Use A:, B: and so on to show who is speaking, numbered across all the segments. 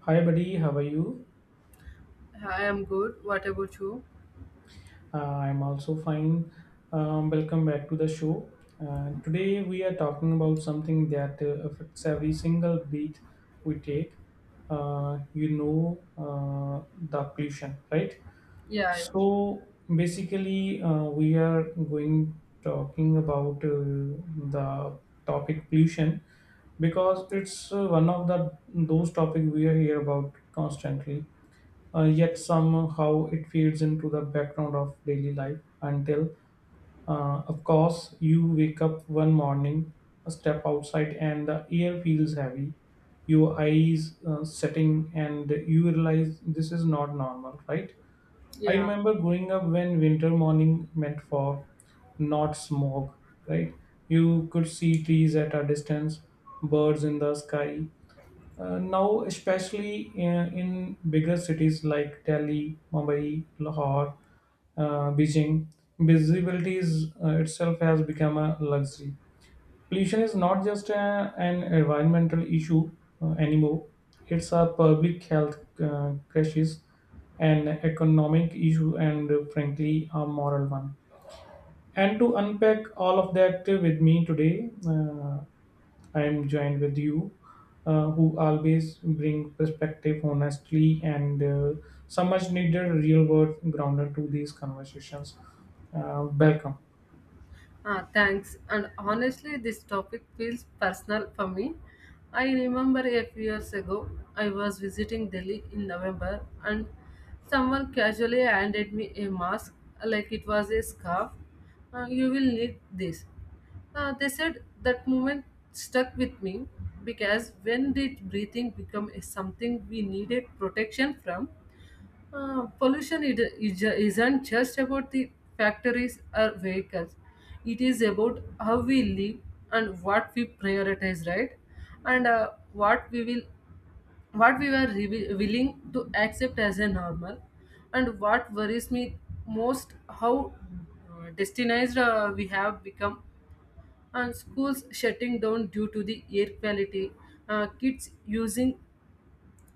A: Hi, buddy. How are you?
B: I am good. What about you?
A: I'm also fine. Welcome back to the show. Today, we are talking about something that affects every single breath we take. You know, the pollution, right?
B: Yeah, yeah.
A: So, Basically, we are going talking about the topic pollution because it's one of the those topic we hear about constantly, yet somehow it fades into the background of daily life until, of course, you wake up one morning, a step outside, and the air feels heavy, your eyes setting, and you realize this is not normal, right? I
B: Yeah.
A: remember growing up when winter morning meant fog, not smog, right? You could see trees at a distance, birds in the sky. Now, especially in bigger cities like Delhi, Mumbai, Lahore, Beijing, visibility is, itself has become a luxury. Pollution is not just a, an environmental issue anymore; it's a public health crisis, an economic issue, and frankly, a moral one. And to unpack all of that with me today. I am joined with you, who always bring perspective, honestly, and so much needed real world grounded to these conversations. Welcome.
B: Ah, thanks. And honestly, this topic feels personal for me. I remember a few years ago, I was visiting Delhi in November, and someone casually handed me a mask like it was a scarf. You will need this. They said that moment stuck with me because when did breathing become a something we needed protection from? Pollution isn't just about the factories or vehicles. It is about how we live and what we prioritize, right? And what we will, what we were willing to accept as a normal. And what worries me most, how destinized we have become, and schools shutting down due to the air quality, kids using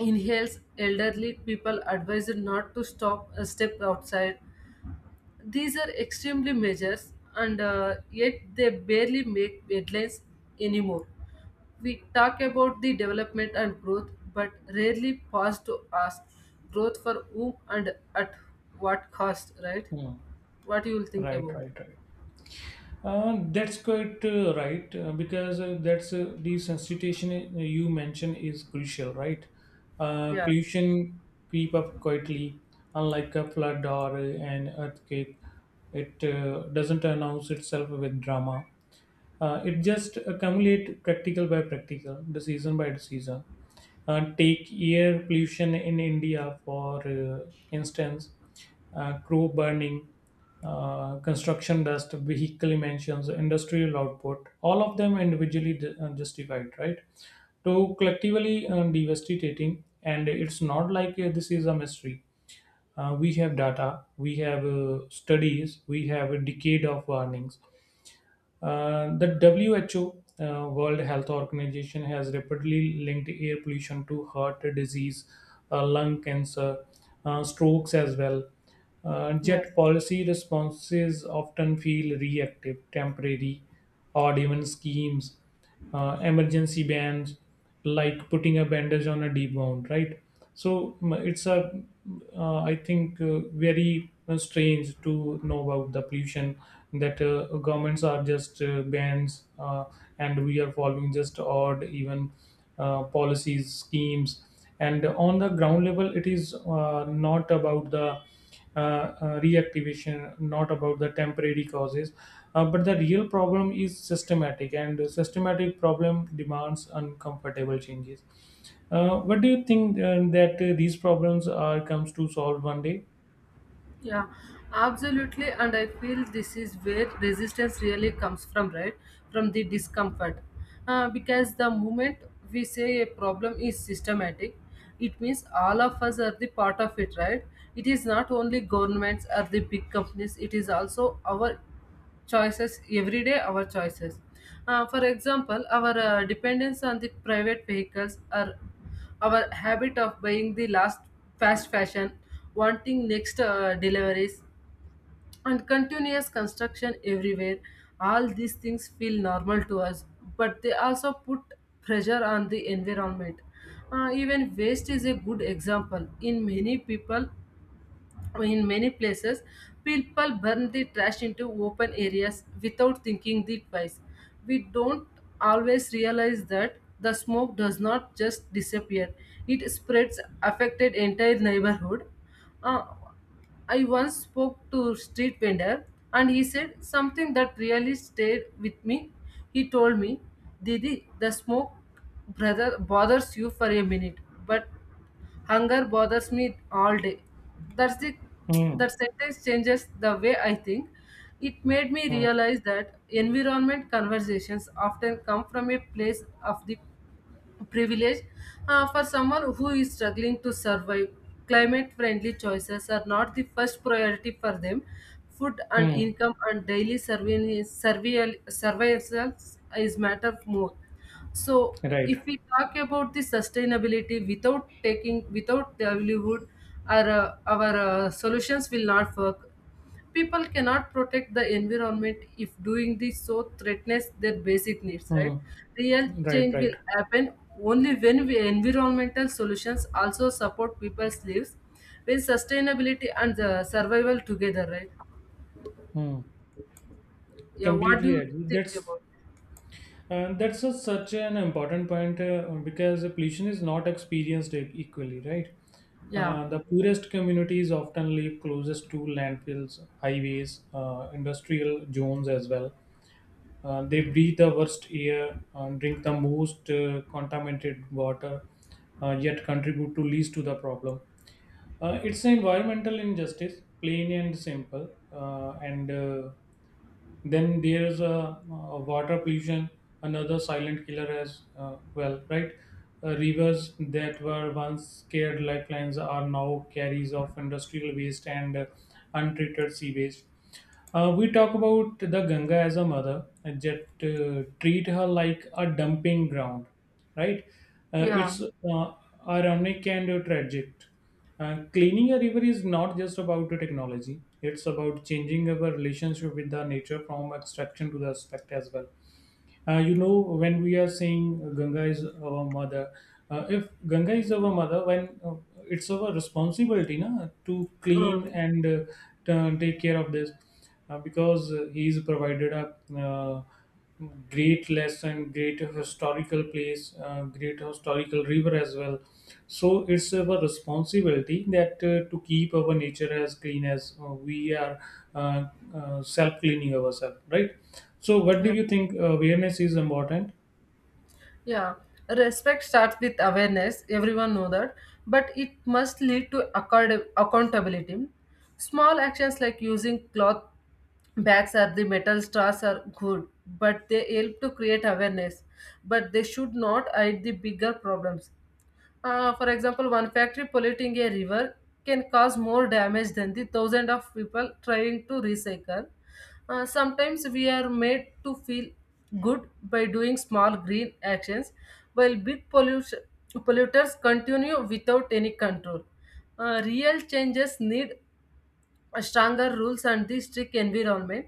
B: inhales elderly people advised not to stop a step outside these are extremely measures and yet they barely make headlines anymore. We talk about the development and growth but rarely pause to ask growth for whom and at what cost, right?
A: Yeah.
B: What you will think
A: Right,
B: about?
A: right, right. That's quite right because that's the sensitization you mentioned is crucial, right?
B: Yeah,
A: Pollution creep up quietly, unlike a flood or an earthquake. It doesn't announce itself with drama. It just accumulate practical by practical, the season by the season. Take air pollution in India for instance, crow burning, construction dust, vehicle emissions, industrial output. All of them individually justified, right? So collectively devastating, and it's not like this is a mystery. We have data, we have studies, we have a decade of warnings. Uh, the WHO, World Health Organization, has rapidly linked air pollution to heart disease, lung cancer, strokes as well.
B: yeah.
A: Yet policy responses often feel reactive, temporary, or even schemes, emergency bands, like putting a bandage on a deep wound, right? So m- it's a, I think, very strange to know about the pollution that governments are just bans, and we are following just odd even policies, schemes. And on the ground level, it is not about the reactivation, not about the temporary causes. But the real problem is systematic, and the systematic problem demands uncomfortable changes. What do you think that these problems are comes to solve one day?
B: Yeah, absolutely. And I feel this is where resistance really comes from, right? From the discomfort. Because the moment we say a problem is systematic, it means all of us are the part of it, right? It is not only governments or the big companies, it is also our choices, every day our choices. For example, our dependence on the private vehicles or our habit of buying the last fast fashion, wanting next deliveries and continuous construction everywhere. All these things feel normal to us, but they also put pressure on the environment. Even waste is a good example. In many people, in many places, people burn the trash into open areas without thinking the twice. We don't always realize that the smoke does not just disappear; it spreads, affected entire neighborhood. Uh, I once spoke to a street vendor and he said something that really stayed with me. He told me, Didi, the smoke brother bothers you for a minute, but hunger bothers me all day. That's the
A: Hmm.
B: that sentence changes the way I think. It made me
A: Hmm.
B: realize that environment conversations often come from a place of the privilege, for someone who is struggling to survive. Climate friendly choices are not the first priority for them. Food and
A: Hmm.
B: income and daily survival survival is matter more. So
A: Right.
B: if we talk about the sustainability without taking without livelihood, our solutions will not work. People cannot protect the environment if doing this so threatens their basic needs, right?
A: Hmm.
B: Real
A: Right.
B: change
A: Right.
B: will happen only when we environmental solutions also support people's lives, when sustainability and the survival together, right?
A: Hmm.
B: Yeah, what do
A: Completely
B: you
A: agree.
B: think
A: That's.
B: about?
A: And that's a, such an important point because pollution is not experienced equally, right?
B: Yeah.
A: The poorest communities often live closest to landfills, highways, industrial zones as well. They breathe the worst air, drink the most contaminated water, yet contribute to least to the problem. It's an environmental injustice, plain and simple, and then there's a, water pollution, another silent killer as well, right? Rivers that were once scared lifelines are now carriers of industrial waste and untreated sea waste. We talk about the Ganga as a mother, and yet treat her like a dumping ground, right?
B: Yeah.
A: It's Ironic and tragic. Cleaning a river is not just about the technology. It's about changing our relationship with the nature from abstraction to the aspect as well. You know, when we are saying Ganga is our mother, if Ganga is our mother, when it's our responsibility na, to clean
B: Mm.
A: and to take care of this because he's provided a great lesson, great historical place, great historical river as well. So it's our responsibility that to keep our nature as clean as we are uh, self cleaning ourselves, right? So, what do
B: Yeah.
A: you think awareness is important?
B: Yeah, respect starts with awareness. Everyone know that, but it must lead to accountability. Small actions like using cloth bags or the metal straws are good, but they help to create awareness. But they should not hide the bigger problems. For example, one factory polluting a river can cause more damage than the thousand of people trying to recycle. Sometimes we are made to feel good by doing small green actions, while polluters continue without any control. Real changes need a stronger rules and the strict environment,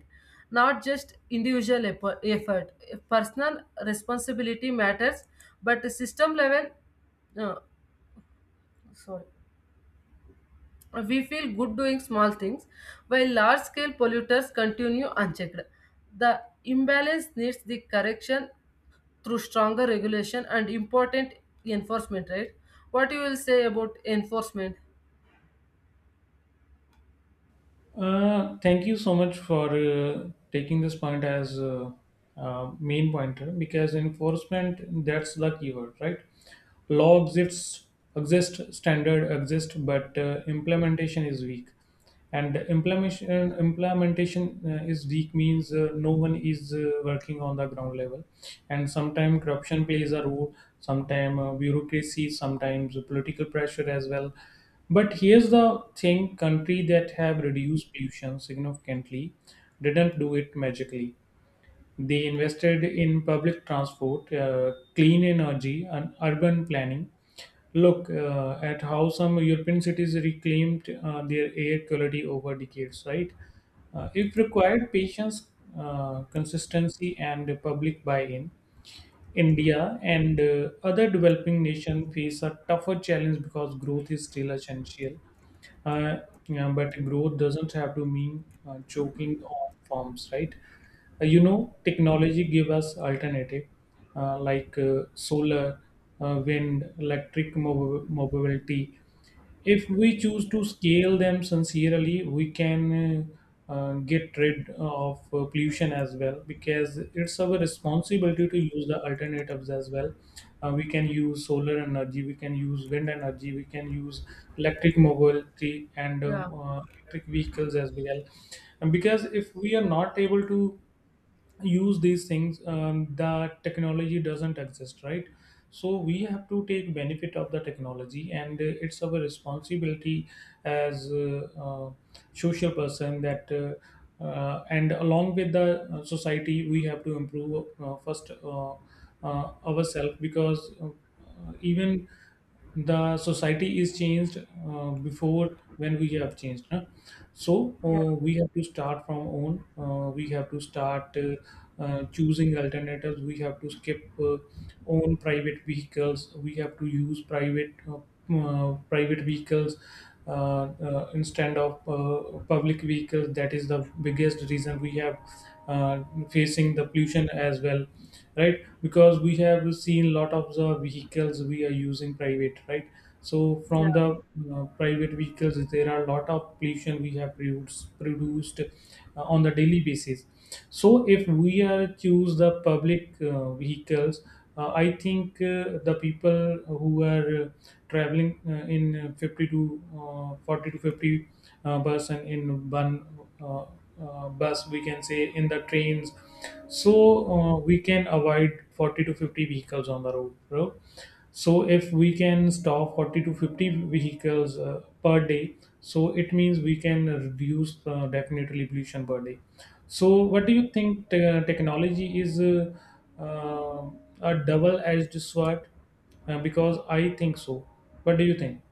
B: not just individual effort. Personal responsibility matters, but the system level, uh, sorry, we feel good doing small things while large scale polluters continue unchecked. The imbalance needs the correction through stronger regulation and important enforcement, right? What you will say about enforcement?
A: Thank you so much for taking this point as main pointer because enforcement that's the keyword, right? Law exist, standard exist, but implementation is weak. And implementation implementation is weak means no one is working on the ground level. And sometimes corruption plays a role, sometimes bureaucracy, sometimes political pressure as well. But here's the thing: country that have reduced pollution significantly didn't do it magically. They invested in public transport, clean energy, and urban planning. Look at how some European cities reclaimed their air quality over decades, right? It required patience, consistency, and public buy in. India and other developing nations face a tougher challenge because growth is still essential. Uh, yeah, but growth doesn't have to mean choking on farms, right? You know, technology give us alternative, like solar, wind, electric mobility. If we choose to scale them sincerely, we can. Get rid of pollution as well because it's our responsibility to use the alternatives as well. We can use solar energy, we can use wind energy, we can use electric mobility and
B: Yeah.
A: electric vehicles as well. And because if we are not able to use these things, that technology doesn't exist, right? So we have to take benefit of the technology, and it's our responsibility as social person that and along with the society we have to improve first, ourselves, because even the society is changed before when we have changed na? So
B: Yeah.
A: we have to start from own, we have to start choosing alternatives. We have to skip own private vehicles, we have to use private vehicles instead of public vehicles. That is the biggest reason we have uh, facing the pollution as well, right? Because we have seen lot of the vehicles we are using private, right? So
B: Yeah.
A: from the private vehicles there are a lot of pollution we have produced on the daily basis. So if we are choose the public vehicles, I think the people who are traveling uh, in uh, 50 to uh, 40 to 50, bus and in one, uh, bus, we can say in the trains, so we can avoid 40 to 50 vehicles on the road, bro. So if we can stop 40 to 50 vehicles per day, so it means we can reduce definitely pollution per day. So what do you think technology is uh, a double-edged sword? Because I think so. What do you think?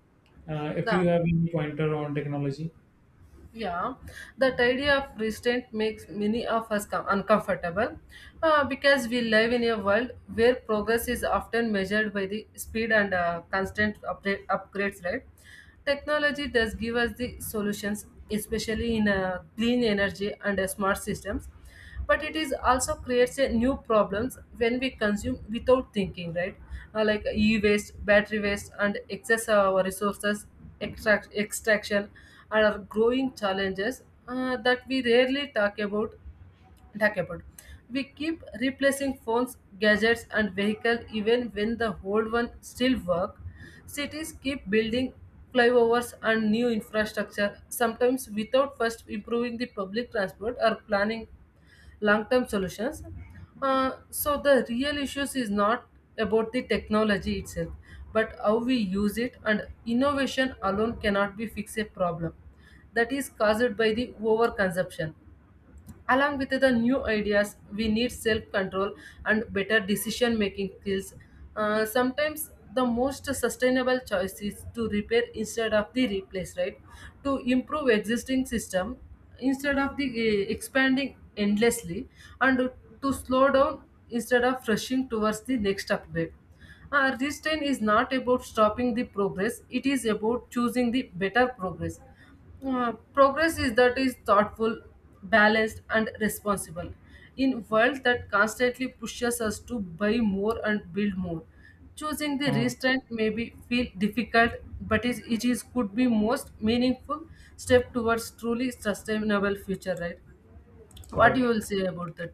A: If
B: The
A: you have any pointer on technology,
B: Yeah, that idea of restraint makes many of us uncomfortable because we live in a world where progress is often measured by the speed and constant update, upgrades, right? Technology does give us the solutions, especially in clean energy and smart systems, but it is also creates a new problems when we consume without thinking, right? Like e-waste battery waste and excess of our resources extraction are growing challenges that we rarely talk about. We keep replacing phones gadgets and vehicles even when the old one still work. Cities keep building flyovers and new infrastructure sometimes without first improving the public transport or planning long-term solutions. So the real issues is not about the technology itself, but how we use it. And innovation alone cannot be fix a problem that is caused by the overconsumption. Along with the new ideas, we need self control and better decision making skills. Sometimes the most sustainable choice is to repair instead of the replace, right? To improve existing system instead of the expanding endlessly, and to slow down instead of rushing towards the next upgrade. Restraint is not about stopping the progress; it is about choosing the better progress, progress is that is thoughtful, balanced, and responsible. In world that constantly pushes us to buy more and build more, choosing the
A: Hmm,
B: restraint may be feel difficult, but is it is could be most meaningful step towards truly sustainable future. Right? What you
A: right.
B: will say about that?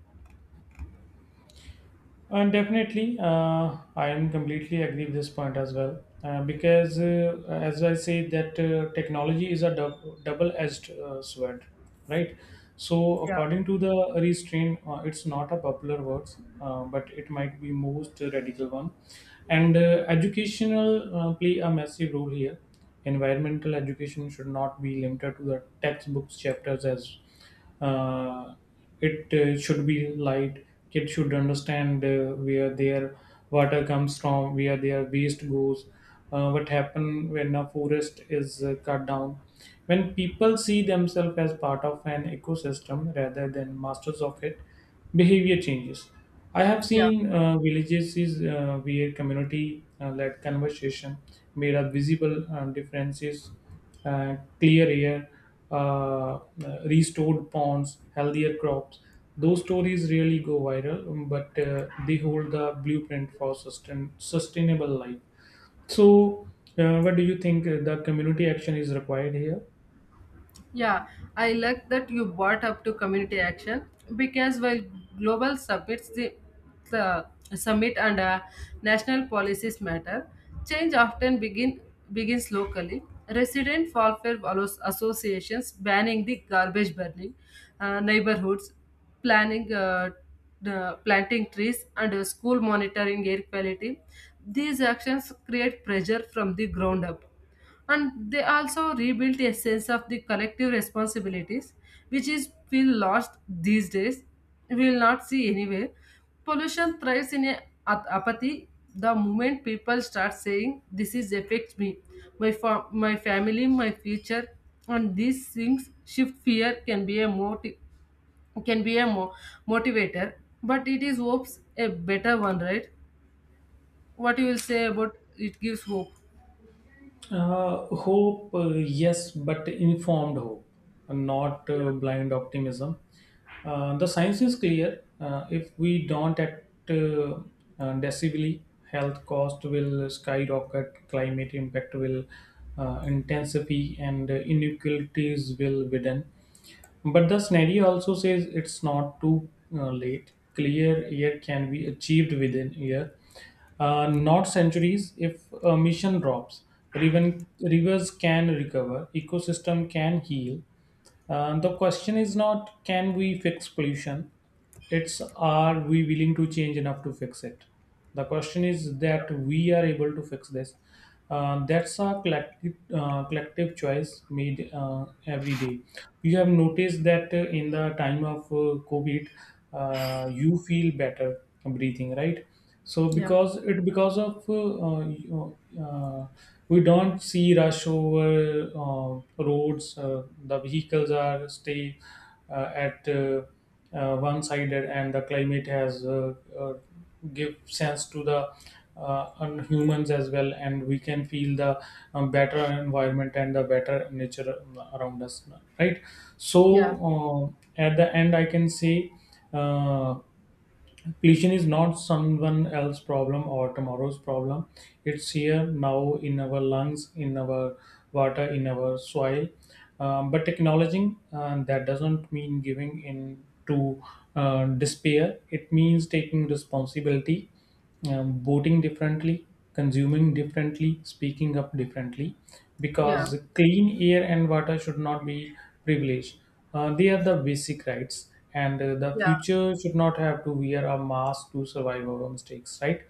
A: And definitely, I am completely agree with this point as well. Because, as I say, that technology is a double-edged sword, right? So,
B: Yeah.
A: according to the restraint, it's not a popular word, but it might be most radical one. And educational play a massive role here. Environmental education should not be limited to the textbooks chapters as uh, it should be light. Kids should understand where their water comes from, where their waste goes, what happen when a forest is cut down. When people see themselves as part of an ecosystem rather than masters of it, behavior changes. I have
B: Yeah.
A: seen villages is, where community led conversation made a visible differences, clear air, uh, uh, restored ponds, healthier crops. Those stories really go viral, but they hold the blueprint for sustainable life. So, what do you think the community action is required here?
B: Yeah, I like that you brought up to community action because while global summits, the summit and national policies matter, change often begins locally. Resident welfare associations banning the garbage burning, neighborhoods planning the planting trees, and school monitoring air quality. These actions create pressure from the ground up and they also rebuilt a sense of the collective responsibilities which is feel lost these days. We will not see anywhere pollution thrives in a apathy. The moment people start saying this is affects me, my family, my future, and these things shift, fear can be a motive can be a mo- motivator, but it is hopes a better one, right? What you will say about it gives hope?
A: Hope, yes, but informed hope, not
B: Yeah,
A: blind optimism. The science is clear. If we don't act decisively, health cost will skyrocket, climate impact will intensify, and inequalities will widen. But the scenario also says it's not too late. Clear air can be achieved within year, not centuries. If a mission drops, rivers can recover, ecosystem can heal. The question is not can we fix pollution, it's are we willing to change enough to fix it. The question is that we are able to fix this. That's a collective choice made every day. You have noticed that in the time of COVID, you feel better breathing, right? So
B: yeah,
A: because it because of you know, uh, we don't see rush over uh, roads, the vehicles are stay at one-sided, and the climate has uh, give sense to the humans as well, and we can feel the better environment and the better nature around us, right? So
B: yeah,
A: at the end I can say uh, completion is not someone else's problem or tomorrow's problem. It's here now in our lungs, in our water, in our soil. But acknowledging that doesn't mean giving in to despair. It means taking responsibility, voting differently, consuming differently, speaking up differently,
B: yeah.
A: because clean air and water should not be privileged. They are the basic rights, and the
B: Yeah,
A: future should not have to wear a mask to survive our mistakes, right?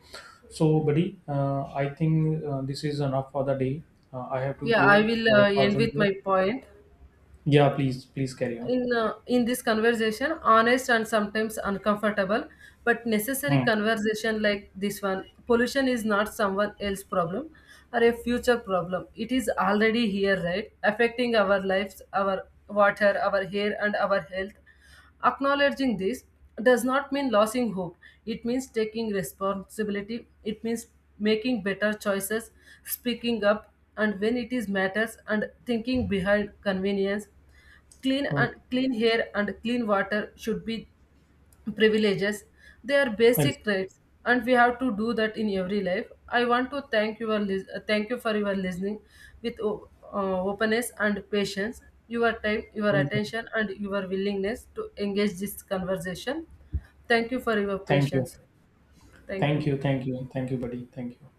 A: So, buddy, I think this is enough for the day. I have to
B: yeah, I
A: go
B: will
A: for a
B: end
A: urgent
B: with my
A: work.
B: point.
A: Yeah, please, please carry on.
B: In in this conversation honest and sometimes uncomfortable but necessary
A: Hmm.
B: conversation like this one, pollution is not someone else's problem or a future problem, it is already here, right? Affecting our lives, our water, our hair, and our health. Acknowledging this does not mean losing hope, it means taking responsibility, it means making better choices, speaking up, and when it is matters and thinking behind convenience. Clean
A: Oh,
B: and clean air and clean water should be privileges, they are
A: thanks.
B: basic rights, and we have to do that in every life. I want to thank you, thank you for your listening with openness and patience, your time, your
A: Thank you.
B: attention, and your willingness to engage this conversation. Thank you for your
A: Thank you.
B: patience. Thank
A: Thank
B: you.
A: you. Thank you. Thank you, buddy. Thank you.